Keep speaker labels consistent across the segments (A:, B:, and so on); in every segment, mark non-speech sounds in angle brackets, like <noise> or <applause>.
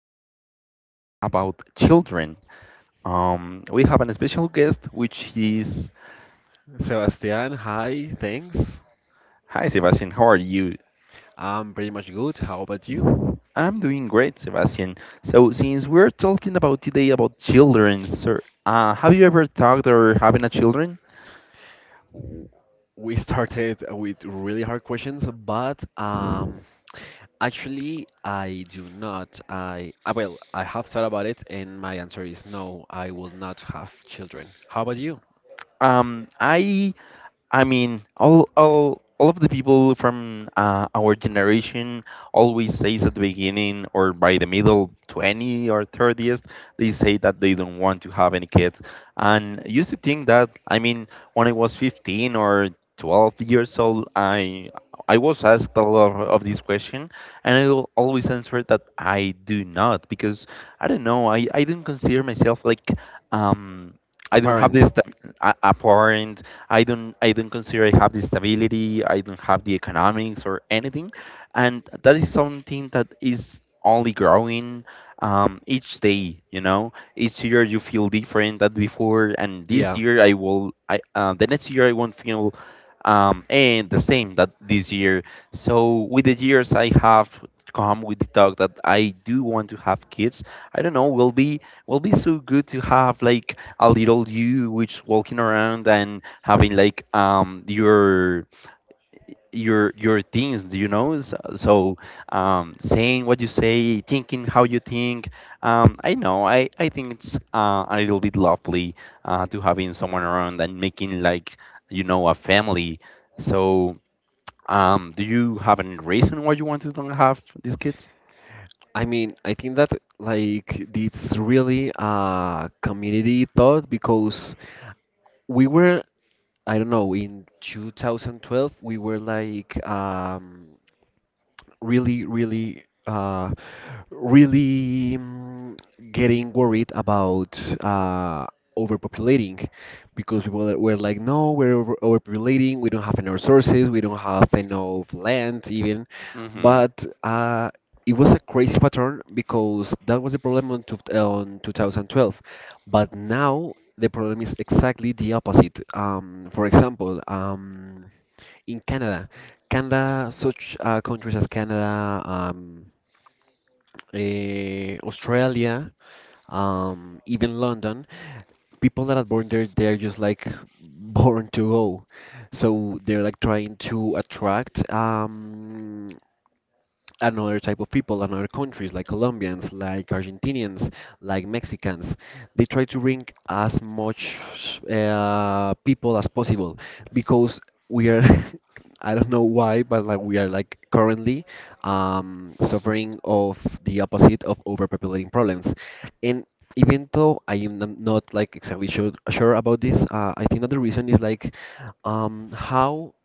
A: are talking today about children. We have a special guest, which is.
B: Sebastian, hi, thanks.
A: Hi, Sebastian. How are you?
B: I'm pretty much good. How about you?
A: I'm doing great, Sebastian. So, since we're talking about today about children, sir, have you ever talked or having a children?
B: We started with really hard questions, but actually, I do not. I well, I have thought about it, and my answer is no. I will not have children. How about you?
A: Um, I I mean, all of the people from our generation always says at the beginning or by the middle 20 or thirties, they say that they don't want to have any kids. And I used to think that, I mean, when I was 15 or 12 years old, I was asked a lot of this question, and I will always answer that I do not because I don't know, I don't consider myself like um.
B: A
A: I don't have
B: parent?
A: apparent. I don't consider I have the stability, I don't have the economics or anything, and that is something that is only growing each day. You know, each year you feel different than before, and this
B: Yeah.
A: year I will I the next year I won't feel and the same that this year. So with the years I have come with the talk that I do want to have kids. I don't know, will be so good to have like a little you which walking around and having like your things, do you know, so saying what you say, thinking how you think. I know, I think it's a little bit lovely to having someone around and making like a family, so do you have any reason why you want to don't have these kids?
B: I mean, I think that, like, it's really a community thought because we were, I don't know, in 2012, we were like really, really, really, getting worried about uh, overpopulating, because people that were like, no, we're overpopulating, we don't have enough resources, we don't have enough land even.
A: Mm-hmm.
B: But it was a crazy pattern because that was the problem on, two, on 2012. But now the problem is exactly the opposite. For example, in Canada. Canada, such countries as Canada, Australia, even London, people that are born there, they're just like <laughs> born to go. So they're like trying to attract another type of people, another countries like Colombians, like Argentinians, like Mexicans. They try to bring as much people as possible because we are, <laughs> I don't know why, but like we are like currently suffering of the opposite of overpopulating problems. And even though I am not like exactly sure about this, I think that the reason is like how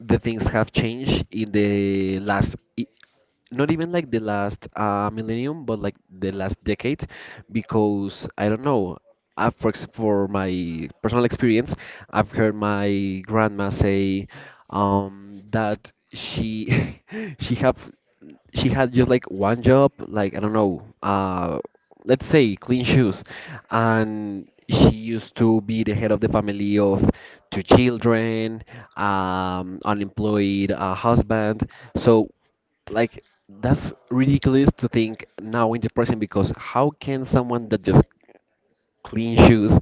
B: the things have changed in the last, not even like the last millennium, but like the last decade, because I don't know. I, for my personal experience, I've heard my grandma say that she <laughs> she have she had just like one job, like I don't know, let's say clean shoes, and she used to be the head of the family of two children, unemployed husband. So, like, that's ridiculous to think now in the present because how can someone that just clean shoes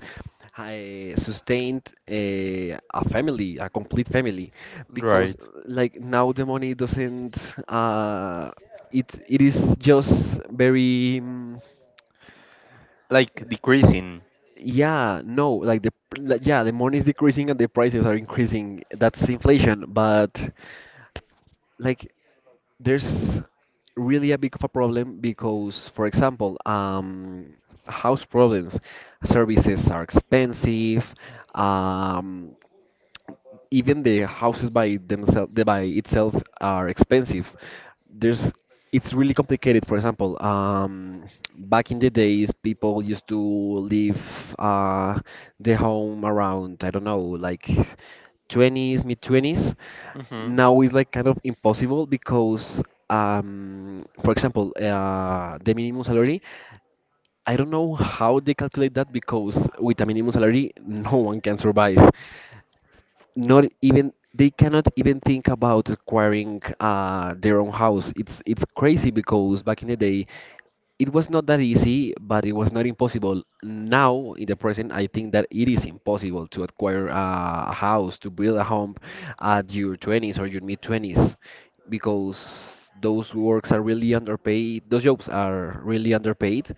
B: I sustained a family, a complete family, because
A: Right.
B: like now the money doesn't uh it is just very
A: Like decreasing.
B: yeah, no, like like, yeah, the money is decreasing and the prices are increasing, that's inflation. But, like, there's really a big of a problem because, for example, house problems, services are expensive. Um, even the houses by themselves, by itself, are expensive. There's it's really complicated. For example, back in the days, people used to leave uh, the home around, I don't know, like 20s, mid 20s.
A: Mm-hmm.
B: Now it's like kind of impossible because for example the minimum salary, I don't know how they calculate that, because with a minimum salary <laughs> no one can survive, not even they cannot even think about acquiring their own house. It's crazy because back in the day it was not that easy, but it was not impossible. Now, in the present, I think that it is impossible to acquire a house, to build a home at your 20s or your mid 20s, because those works are really underpaid, those jobs are really underpaid,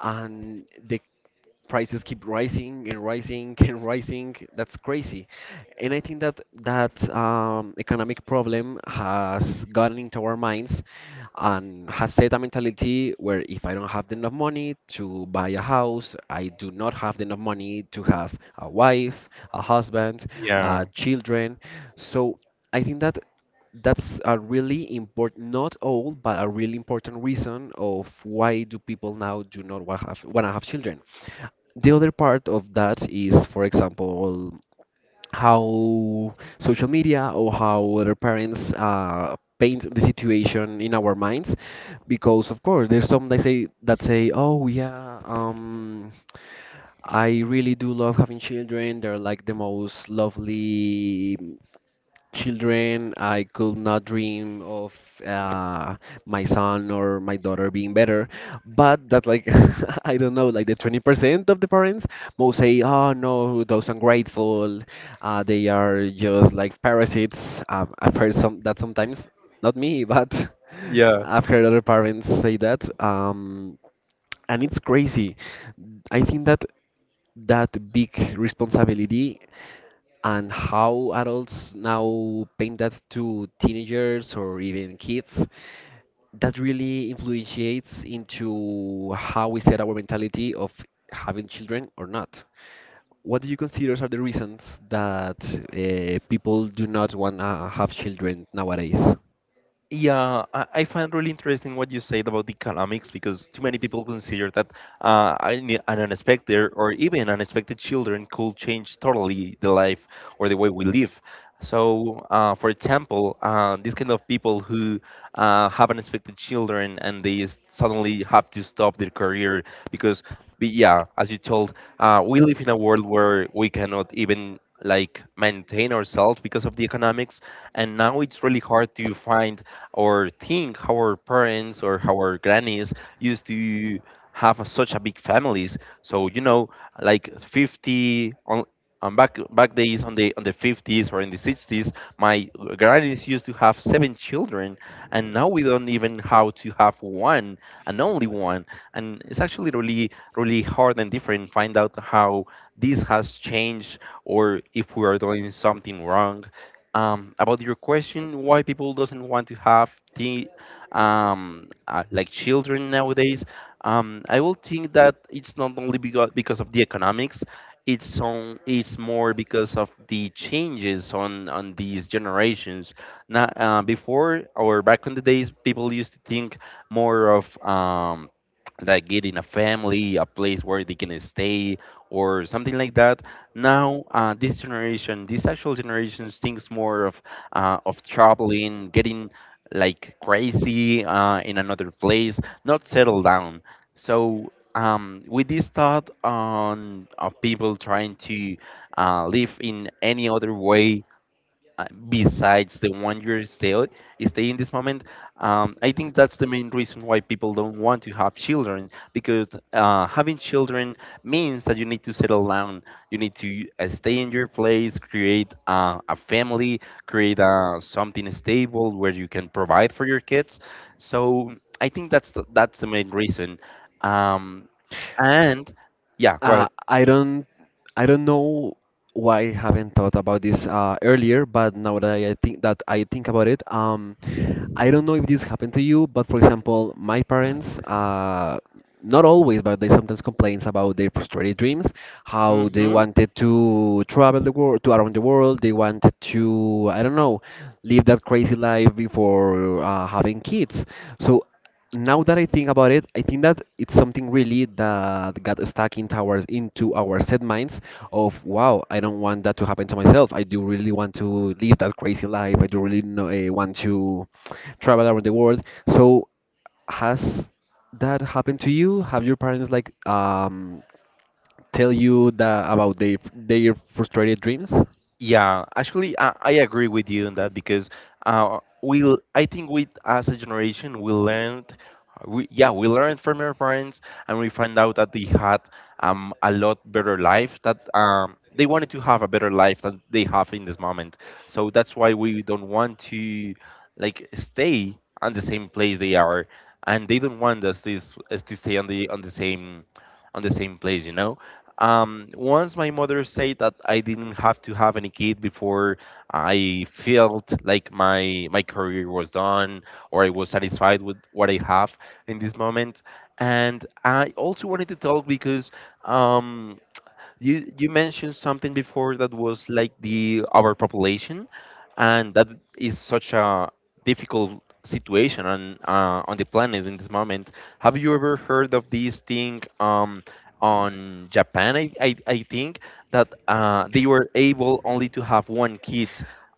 B: and the prices keep rising and rising <laughs> and rising. That's crazy. And I think that that economic problem has gotten into our minds and has set a mentality where if I don't have enough money to buy a house, I do not have enough money to have a wife, a husband,
A: Yeah,
B: children. So I think that that's a really important, not all, but a really important reason of why do people now do not want to want to have children. The other part of that is, for example, how social media or how other parents paint the situation in our minds, because of course there's some that say, "Oh yeah, I really do love having children. They're like the most lovely children, I could not dream of uh, my son or my daughter being better." But that, like, <laughs> I don't know, like the 20% of the parents will say, oh no, those ungrateful, they are just like parasites. I've heard some that sometimes, not me, but <laughs>
A: yeah.
B: I've heard other parents say that. And it's crazy. I think that that big responsibility and how adults now paint that to teenagers or even kids, that really influences into how we set our mentality of having children or not. What do you consider are the reasons that people do not want to have children nowadays?
A: Yeah, I find really interesting what you said about the economics because too many people consider that an unexpected or even unexpected children could change totally the life or the way we live. So, for example, these kind of people who have unexpected children and they suddenly have to stop their career because, yeah, as you told, we live in a world where we cannot even like maintain ourselves because of the economics, and now it's really hard to find or think how our parents or how our grannies used to have such a big families. So, like 50 on back days on the 50s or in the 60s, my grannies used to have seven children, and now we don't even how to have one and only one. And it's actually really really hard and different. Find out how this has changed or if we are doing something wrong. About your question, why people doesn't want to have the like children nowadays, I will think that it's not only because of the economics. It's more because of the changes on these generations. Now, before or back in the days, people used to think more of like getting a family, a place where they can stay, or something like that. Now this actual generations thinks more of traveling, getting like crazy in another place, not settle down. So with this thought on of people trying to live in any other way besides the one you're still stay in this moment. I think that's the main reason why people don't want to have children because having children means that you need to settle down, you need to stay in your place, create a family, create something stable where you can provide for your kids. So I think that's the main reason. um, and yeah, go
B: Uh, I don't I don't know why I haven't thought about this earlier, but now that I think about it, I don't know if this happened to you, but for example, my parents, not always, but they sometimes complains about their frustrated dreams, how they
A: ahead.
B: wanted to travel the world, to around the world, they wanted to, I don't know, live that crazy life before having kids. So now that I think about it, I think that it's something really that got stuck into our set minds of, wow, I don't want that to happen to myself. I do really want to live that crazy life. I do really know, want to travel around the world. So, has that happened to you? Have your parents like tell you that about their frustrated dreams?
A: Yeah, actually, I agree with you on that because we I think we as a generation we learned, we, yeah, we learned from our parents, and we find out that they had a lot better life, that they wanted to have a better life than they have in this moment. So that's why we don't want to like stay on the same place they are, and they don't want us to us to stay on the same place, you know. Once my mother said that I didn't have to have any kid before I felt like my career was done or I was satisfied with what I have in this moment. And I also wanted to talk because um, you mentioned something before that was like the overpopulation, and that is such a difficult situation on the planet in this moment. Have you ever heard of this thing on Japan? I think that they were able only to have one kid.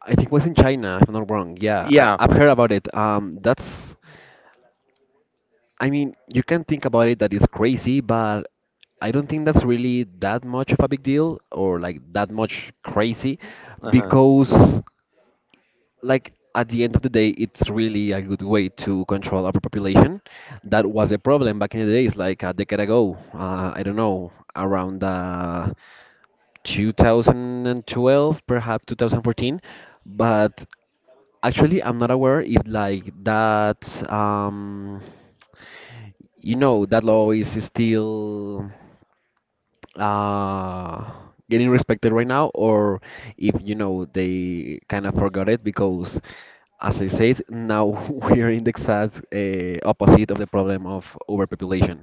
B: I think it was in China, if I'm not wrong. Yeah, I,
A: Yeah.
B: I've heard about it. That's, I mean, you can think about it that it's crazy, but I don't think that's really that much of a big deal or like that much crazy,
A: Uh-huh.
B: because like at the end of the day it's really a good way to control overpopulation. That was a problem back in the days like a decade ago. I don't know, around 2012, perhaps 2014, but actually I'm not aware if like that um you know that law is still uh getting respected right now, or if you know they kind of forgot it, because as I said now <laughs> we're in the exact opposite of the problem of overpopulation.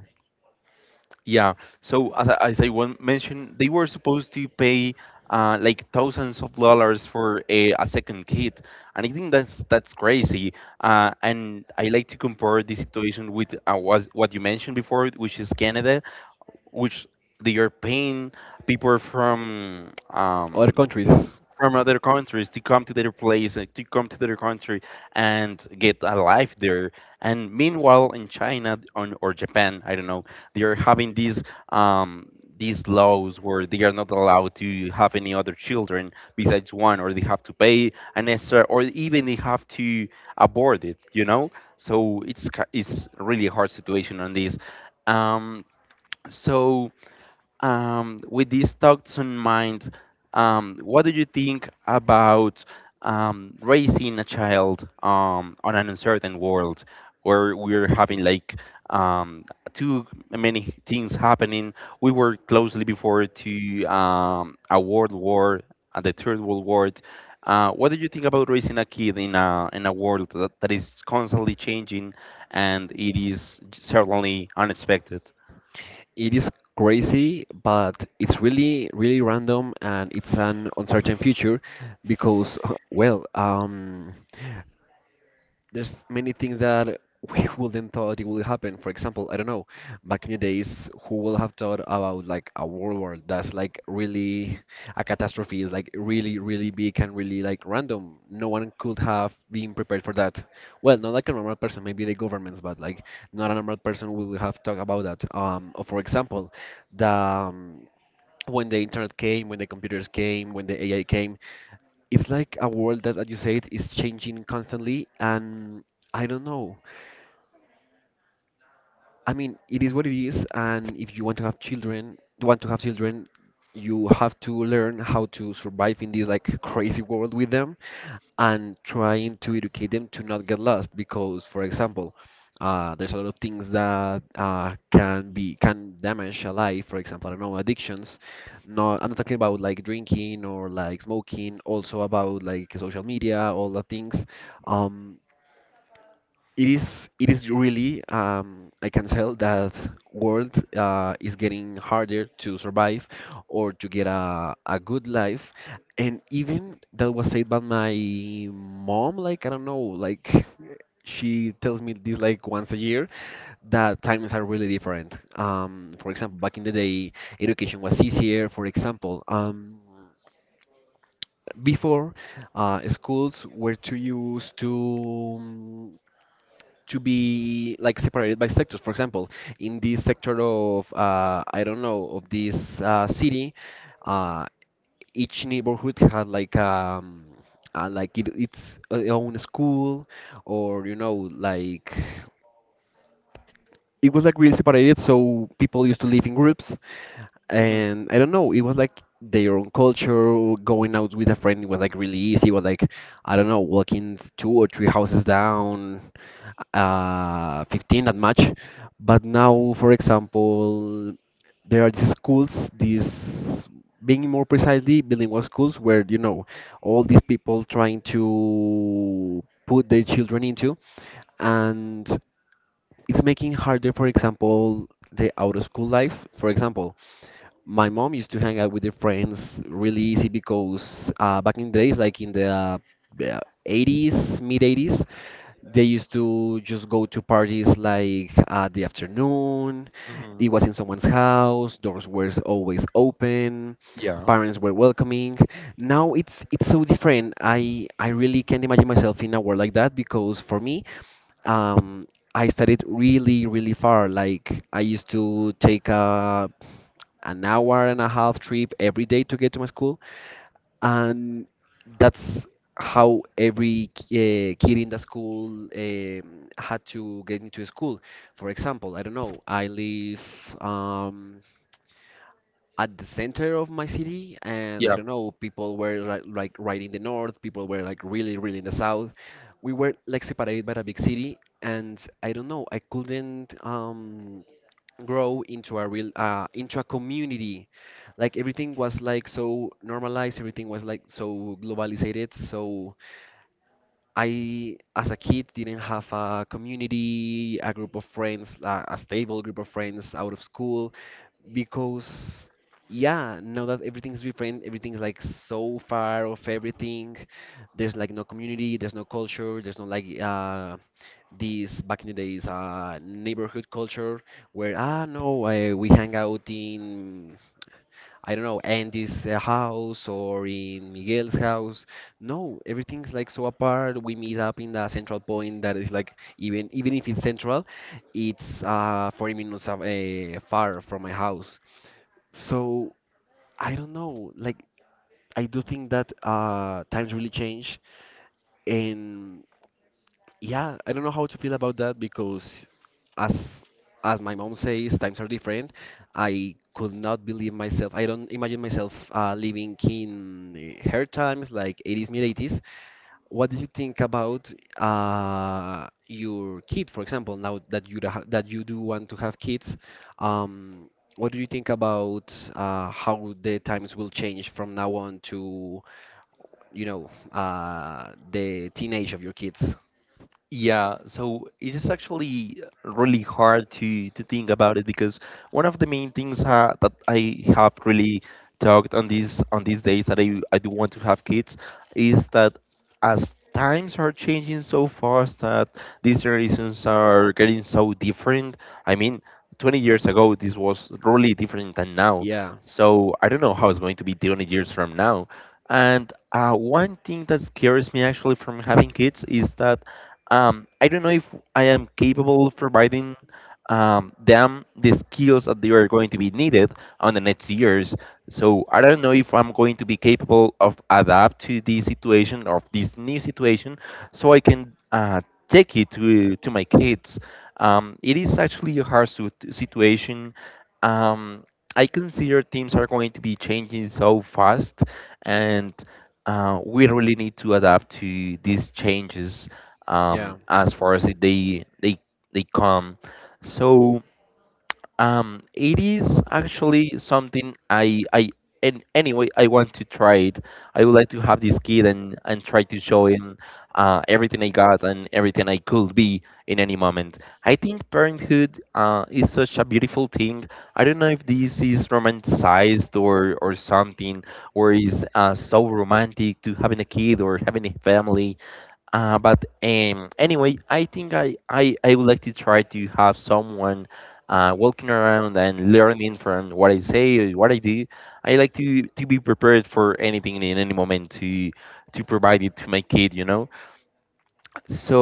A: Yeah. So as I, one mentioned, they were supposed to pay like thousands of dollars for a second kid, and I think that's crazy. And I like to compare this situation with was what you mentioned before, which is Canada, which they are paying people from
B: Other
A: um,
B: countries.
A: from other countries to come to their place, to come to their country and get a life there. And meanwhile, in China or Japan, I don't know, they are having um, these laws where they are not allowed to have any other children besides one, or they have to pay an extra, or even they have to abort it. So it's really a hard situation on this. Um, so. With these thoughts in mind, what do you think about raising a child on an uncertain world where we're having like um, too many things happening? We were closely before to a world war, the third world war. What do you think about raising a kid in a world that is constantly changing and it is certainly unexpected?
B: It is crazy, but it's really, really random, and it's an uncertain future, because <laughs> well, there's many things that we <laughs> wouldn't thought it would happen. For example, I don't know, back in the days, who will have thought about like a world war? That's like really a catastrophe, is like really, really big and really like random. No one could have been prepared for that. Well, not like a normal person, maybe the governments, but like not a normal person will have thought about that. Or for example, the when the internet came, when the computers came, when the AI came, it's like a world that, as you said, is changing constantly, and I don't know. I mean, it is what it is, and if you want to have children, want to have children, you have to learn how to survive in this like crazy world with them, and trying to educate them to not get lost because, for example, there's a lot of things that can be can damage a life. For example, I don't know, addictions. No, I'm not talking about like drinking or like smoking, also about like social media, all the things. um it is really I can tell that world is getting harder to survive or to get a good life. And even that was said by my mom, like I don't know, like she tells me this like once a year, that times are really different. For example, back in the day, education was easier. For example, before schools were too used to be like separated by sectors. For example, in this sector of I don't know, of this city, uh, each neighborhood had like its own school, or you know, like, it was like really separated. So people used to live in groups,
A: Hmm.
B: and I don't know. It was like their own culture. Going out with a friend was like really easy. Was like I don't know, walking two or three houses down, 15 that much. But now, for example, there are these schools, these being more precisely bilingual schools, where you know all these people trying to put their children into, and it's making harder, for example, the out of school lives. For example, my mom used to hang out with her friends really easy because back in the days, like in the uh, 80s, mid 80s, they used to just go to parties like at the afternoon.
A: Hmm.
B: It was in someone's house. Doors were always open.
A: Yeah.
B: Parents were welcoming. Now it's so different. I really can't imagine myself in a world like that because for me, um, I studied really, really far. Like I used to take a an hour and a half trip every day to get to my school, and that's how every kid in the school had to get into school. For example, I don't know, I live, um, at the center of my city, and I
A: Yeah.
B: don't know, people were like, right in the north, people were like really, really in the south. We were like separated by a big city, and I don't know, I couldn't. Grow into a real into a community. Like everything was like so normalized, everything was like so globalized, so I as a kid didn't have a community, a group of friends, a stable group of friends out of school. Because yeah, now that everything's different, everything's like so far of everything, there's like no community, there's no culture, there's no like these back in the days neighborhood culture where ah no we hang out in, I don't know, Andy's house or in Miguel's house. No, everything's like so apart. We meet up in the central point that is like, even if it's central, it's 40 minutes of, far from my house. So I don't know. Like I do think that times really change, and yeah, I don't know how to feel about that because as as my mom says, times are different. I could not believe myself. I don't imagine myself living in her times, like 80s, mid 80s. What do you think about your kid, for example, now that you that you do want to have kids? Um, what do you think about how the times will change from now on to, the teenage of your kids?
A: Yeah, so it is actually really hard to think about it because one of the main things ha that I have really talked on these days that I do want to have kids is that as times are changing so fast that these generations are getting so different. I mean, 20 years ago this was really different than now. So I don't know how it's going to be 20 years from now. And one thing that scares me actually from having kids is that I don't know if I am capable of providing them the skills that they are going to be needed on the next years. So I don't know if I'm going to be capable of adapt to this situation of this new situation, so I can take it to my kids. It is actually a hard situation. Um, I consider teams are going to be changing so fast, and we really need to adapt to these changes
B: Yeah.
A: as far as they come. So. It is actually something, I and anyway I want to try it. I would like to have this kid and try to show him everything I got and everything I could be in any moment. I think parenthood is such a beautiful thing. I don't know if this is romanticized or something, or is so romantic to having a kid or having a family, but anyway, I think I would like to try to have someone walking around and learning from what I say, what I do. I like to be prepared for anything in any moment to provide it to my kid.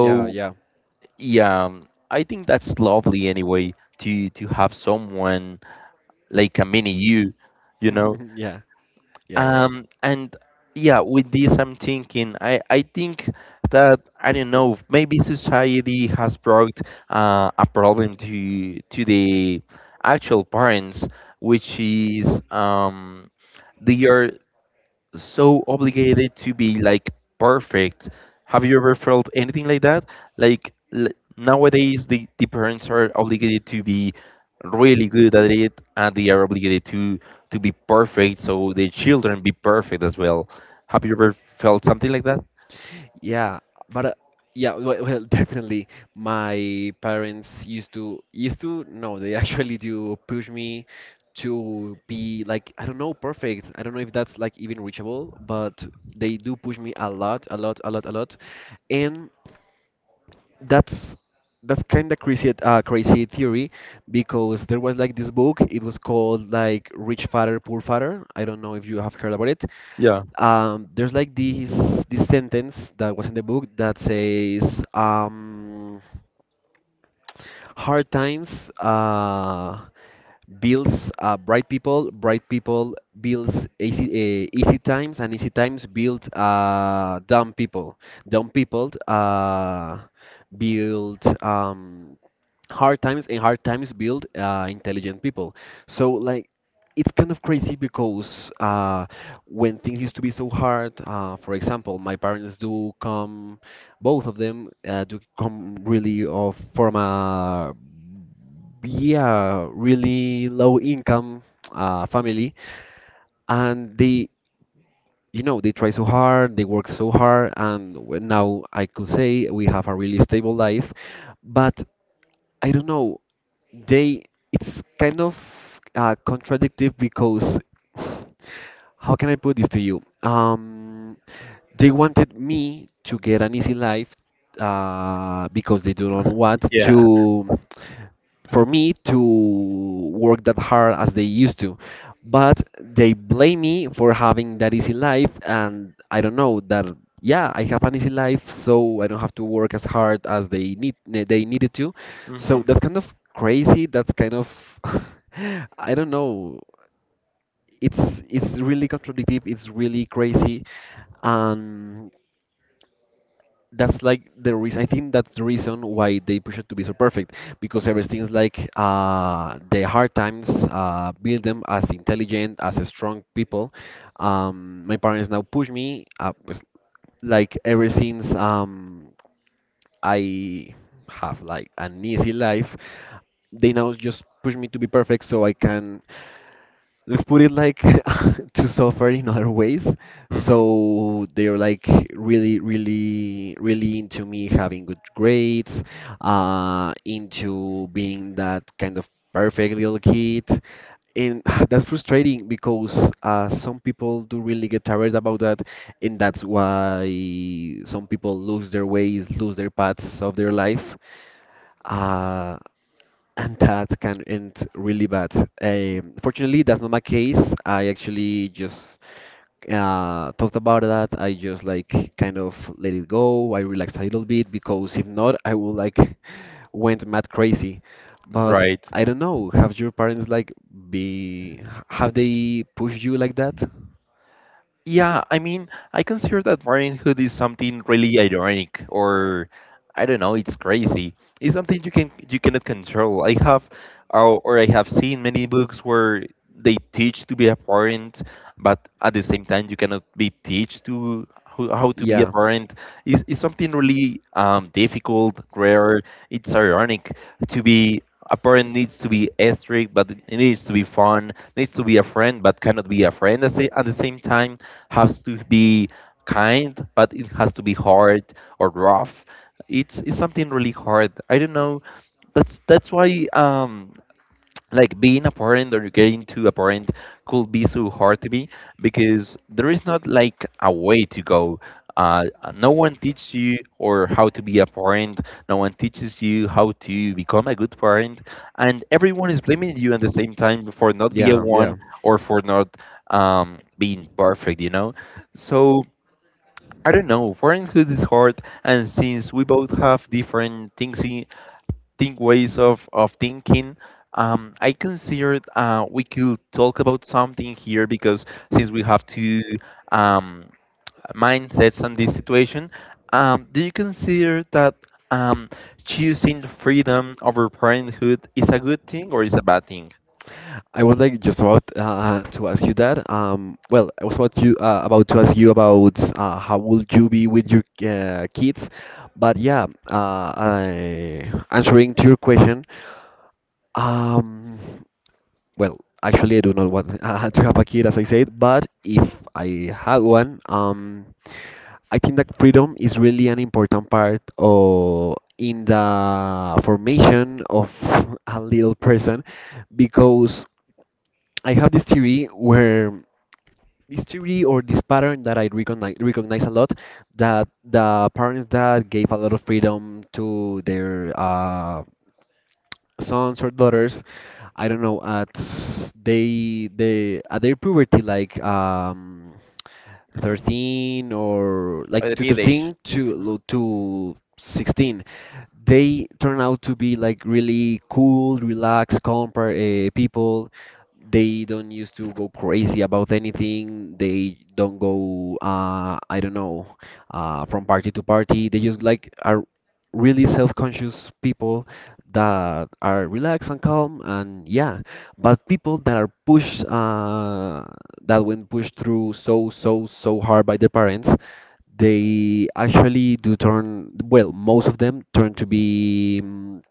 B: Yeah. Yeah, yeah.
A: yeah, I think that's lovely anyway to have someone like a mini you, you know.
B: <laughs> Yeah, yeah, yeah.
A: And yeah, with this, I'm thinking, I think that, I don't know, maybe society has brought a problem to the actual parents, which is they are so obligated to be like perfect. Have you ever felt anything like that? Like nowadays, the parents are obligated to be really good at it, and they are obligated to be perfect, so the children be perfect as well. Have you ever felt something like that?
B: Yeah, but yeah, well, well, <laughs> definitely. My parents used to no, they <laughs> actually do push me to be like, I don't know, perfect. I don't know if that's like even reachable, but they do push me a lot, a lot, a lot, a lot. And that's that's kind of crazy crazy theory, because there was like this book, it was called like Rich Father Poor Father. I don't know if you have heard about it.
A: Yeah.
B: There's like this sentence that was in the book that says, hard times builds bright people. Bright people builds easy, easy times, and easy times build dumb people. Dumb people build, hard times, and hard times build intelligent people. So like it's kind of crazy, because when things used to be so hard, for example, my parents do come, both of them, do come really of from a, yeah, really low income family. And they, you know, they try so hard, they work so hard, and when now I could say we have a really stable life, but I don't know, they, it's kind of contradictive, because how can I put this to you? They wanted me to get an easy life because they do not want
A: Yeah.
B: to, for me to work that hard as they used to. But they blame me for having that easy life, and I don't know that. Yeah, I have an easy life, so I don't have to work as hard as they need they needed to.
A: Mm-hmm.
B: So that's kind of crazy. That's kind of <laughs> I don't know. It's really contradictive. It's really crazy. And that's like the reason, I think that's the reason why they push it to be so perfect, because everything's like, the hard times build them as intelligent, as strong people. My parents now push me, pues, like ever since, I have like an easy life, they now just push me to be perfect so I can, let's put it like <laughs> to suffer in other ways.
A: Mm-hmm.
B: So they're like really, really, really into me having good grades, into being that kind of perfect little kid. And <sighs> that's frustrating because some people do really get tired about that, and that's why some people lose their ways, lose their paths of their life. Uh, and that can end really bad. Fortunately, that's not my case. I actually just thought about that. I just like kind of let it go. I relaxed a little bit, because if not, I would like <laughs> went mad crazy. But
A: Right.
B: I don't know. Have your parents like be have they pushed you like that?
A: Yeah, I mean, I consider that parenthood is something really ironic, or I don't know, it's crazy. It's something you cannot control. I have seen many books where they teach to be a parent, but at the same time you cannot be teach to how to be a
B: Yeah,
A: parent. It's something really difficult, rare. It's ironic. To be a parent needs to be strict, but it needs to be fun, needs to be a friend but cannot be a friend at, at the same time, has to be kind, but it has to be hard or rough. It's something really hard. I don't know. That's why like being a parent or getting to a parent could be so hard to be, because there is not like a way to go. Uh, no one teaches you or how to be a parent. No one teaches you how to become a good parent, and everyone is blaming you at the same time for not being
B: yeah,
A: one,
B: yeah.
A: or for not being perfect. So I don't know. Parenthood is hard, and since we both have different things in, think ways of thinking. I considered we could talk about something here, because since we have two um, mindsets on this situation, do you consider that um, choosing freedom over parenthood is a good thing or is a bad thing?
B: I was like just about to ask you that. Well, I was about to ask you about how would you be with your kids, but yeah, I, answering to your question. Um, well, actually, I do not want <laughs> to have a kid, as I said, but if I had one, I think that freedom is really an important part of in the formation of <laughs> a little person, because I have this theory where, this theory or this pattern that I recognize a lot, that the parents that gave a lot of freedom to their sons or daughters, I don't know, at they at their puberty, like
A: Hmm.
B: 13 or
A: At
B: like
A: the
B: to
A: mid age.
B: 13 to 16, they turn out to be like really cool, relaxed, calm people. They don't used to go crazy about anything. They don't go, I don't know, from party to party. They just like are really self-conscious people that are relaxed and calm, and yeah. But people that are pushed, that when pushed through so so so hard by their parents, they actually do turn, well, most of them turn to be.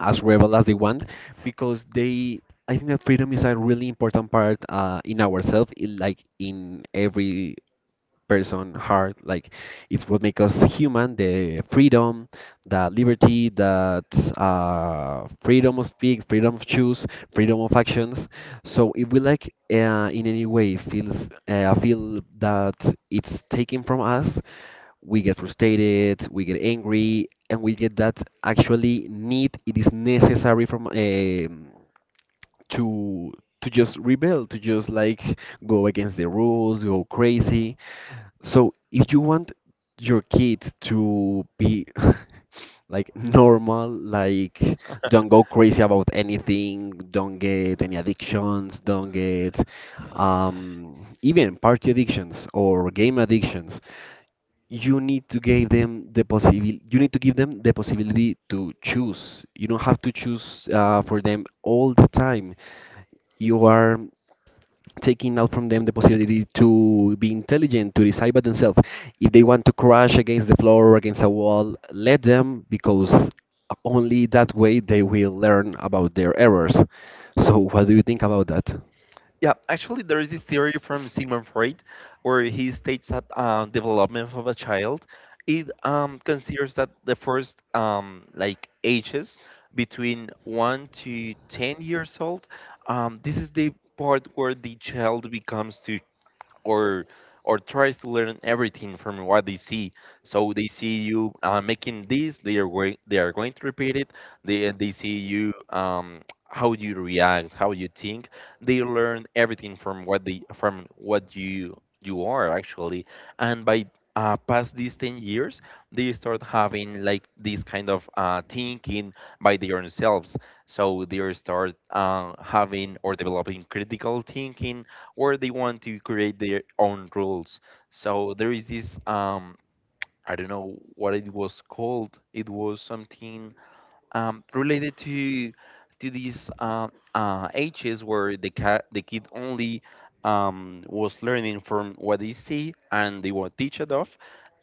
B: As rebel as they want, because they, I think that freedom is a really important part in ourselves, in, like in every person heart. Like it's what makes us human, the freedom, the liberty, that freedom of speak, freedom of choose, freedom of actions. So if we like in any way feel that it's taken from us, we get frustrated, we get angry, and we get that actually need. It is necessary from, to to just rebel, to just like go against the rules, go crazy. So if you want your kid to be <laughs> like normal, like don't go crazy about anything, don't get any addictions, don't get, even party addictions or game addictions, you need to give them the possibility to choose. You don't have to choose for them all the time. You are taking out from them the possibility to be intelligent, to decide by themselves. If they want to crash against the floor or against a wall, let them, because only that way they will learn about their errors. So what do you think about that?
A: Yeah, actually, there is this theory from Sigmund Freud where he states that development of a child, it considers that the first like ages between 1 to 10 years old. Um, this is the part where the child becomes to, or or tries to learn everything from what they see. So they see you making this, they are going, they are going to repeat it. They see you, how you react, how you think. They learn everything from what you are actually, and by past these 10 years, they start having like this kind of thinking by their own selves, so they start having or developing critical thinking, or they want to create their own rules. So there is this I don't know what it was called. It was something related to these ages where the kid only was learning from what they see, and they were teached of,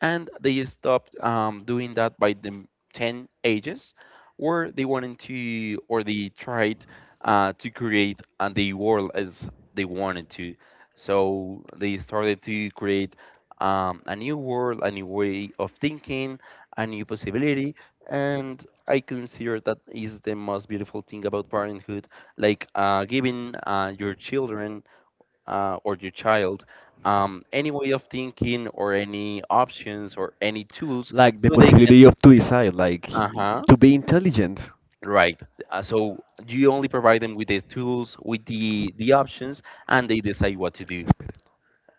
A: and they stopped doing that by the ten ages, where they wanted to or they tried to create the world as they wanted to. So they started to create a new world, a new way of thinking, a new possibility, and I consider that is the most beautiful thing about parenthood, like giving your children or your child any way of thinking or any options or any tools
B: Like the
A: so they can.
B: possibility of to decide, like
A: Uh huh.
B: to be intelligent.
A: Right. So you only provide them with the tools, with the options, and they decide what to do.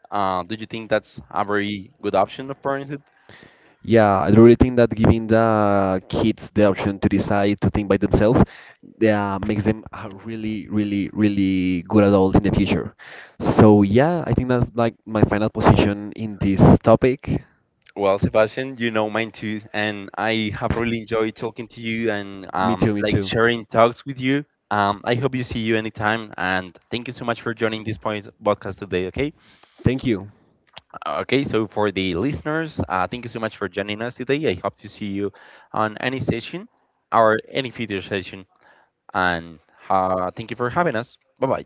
A: Do you think that's a very good option of parenthood?
B: Yeah, I really think that giving the kids the option to decide, to think by themselves, yeah, makes them a really really really good adult in the future. So yeah, I think that's like my final position in this topic.
A: Well, Sebastian, you know mine too, and I have really enjoyed talking to you and
B: Me too, me
A: like
B: too.
A: sharing talks with you. I hope you see you anytime, and thank you so much for joining this point podcast today. Okay.
B: Thank you.
A: Okay. So for the listeners, thank you so much for joining us today. I hope to see you on any session or any future session, and thank you for having us. Bye bye.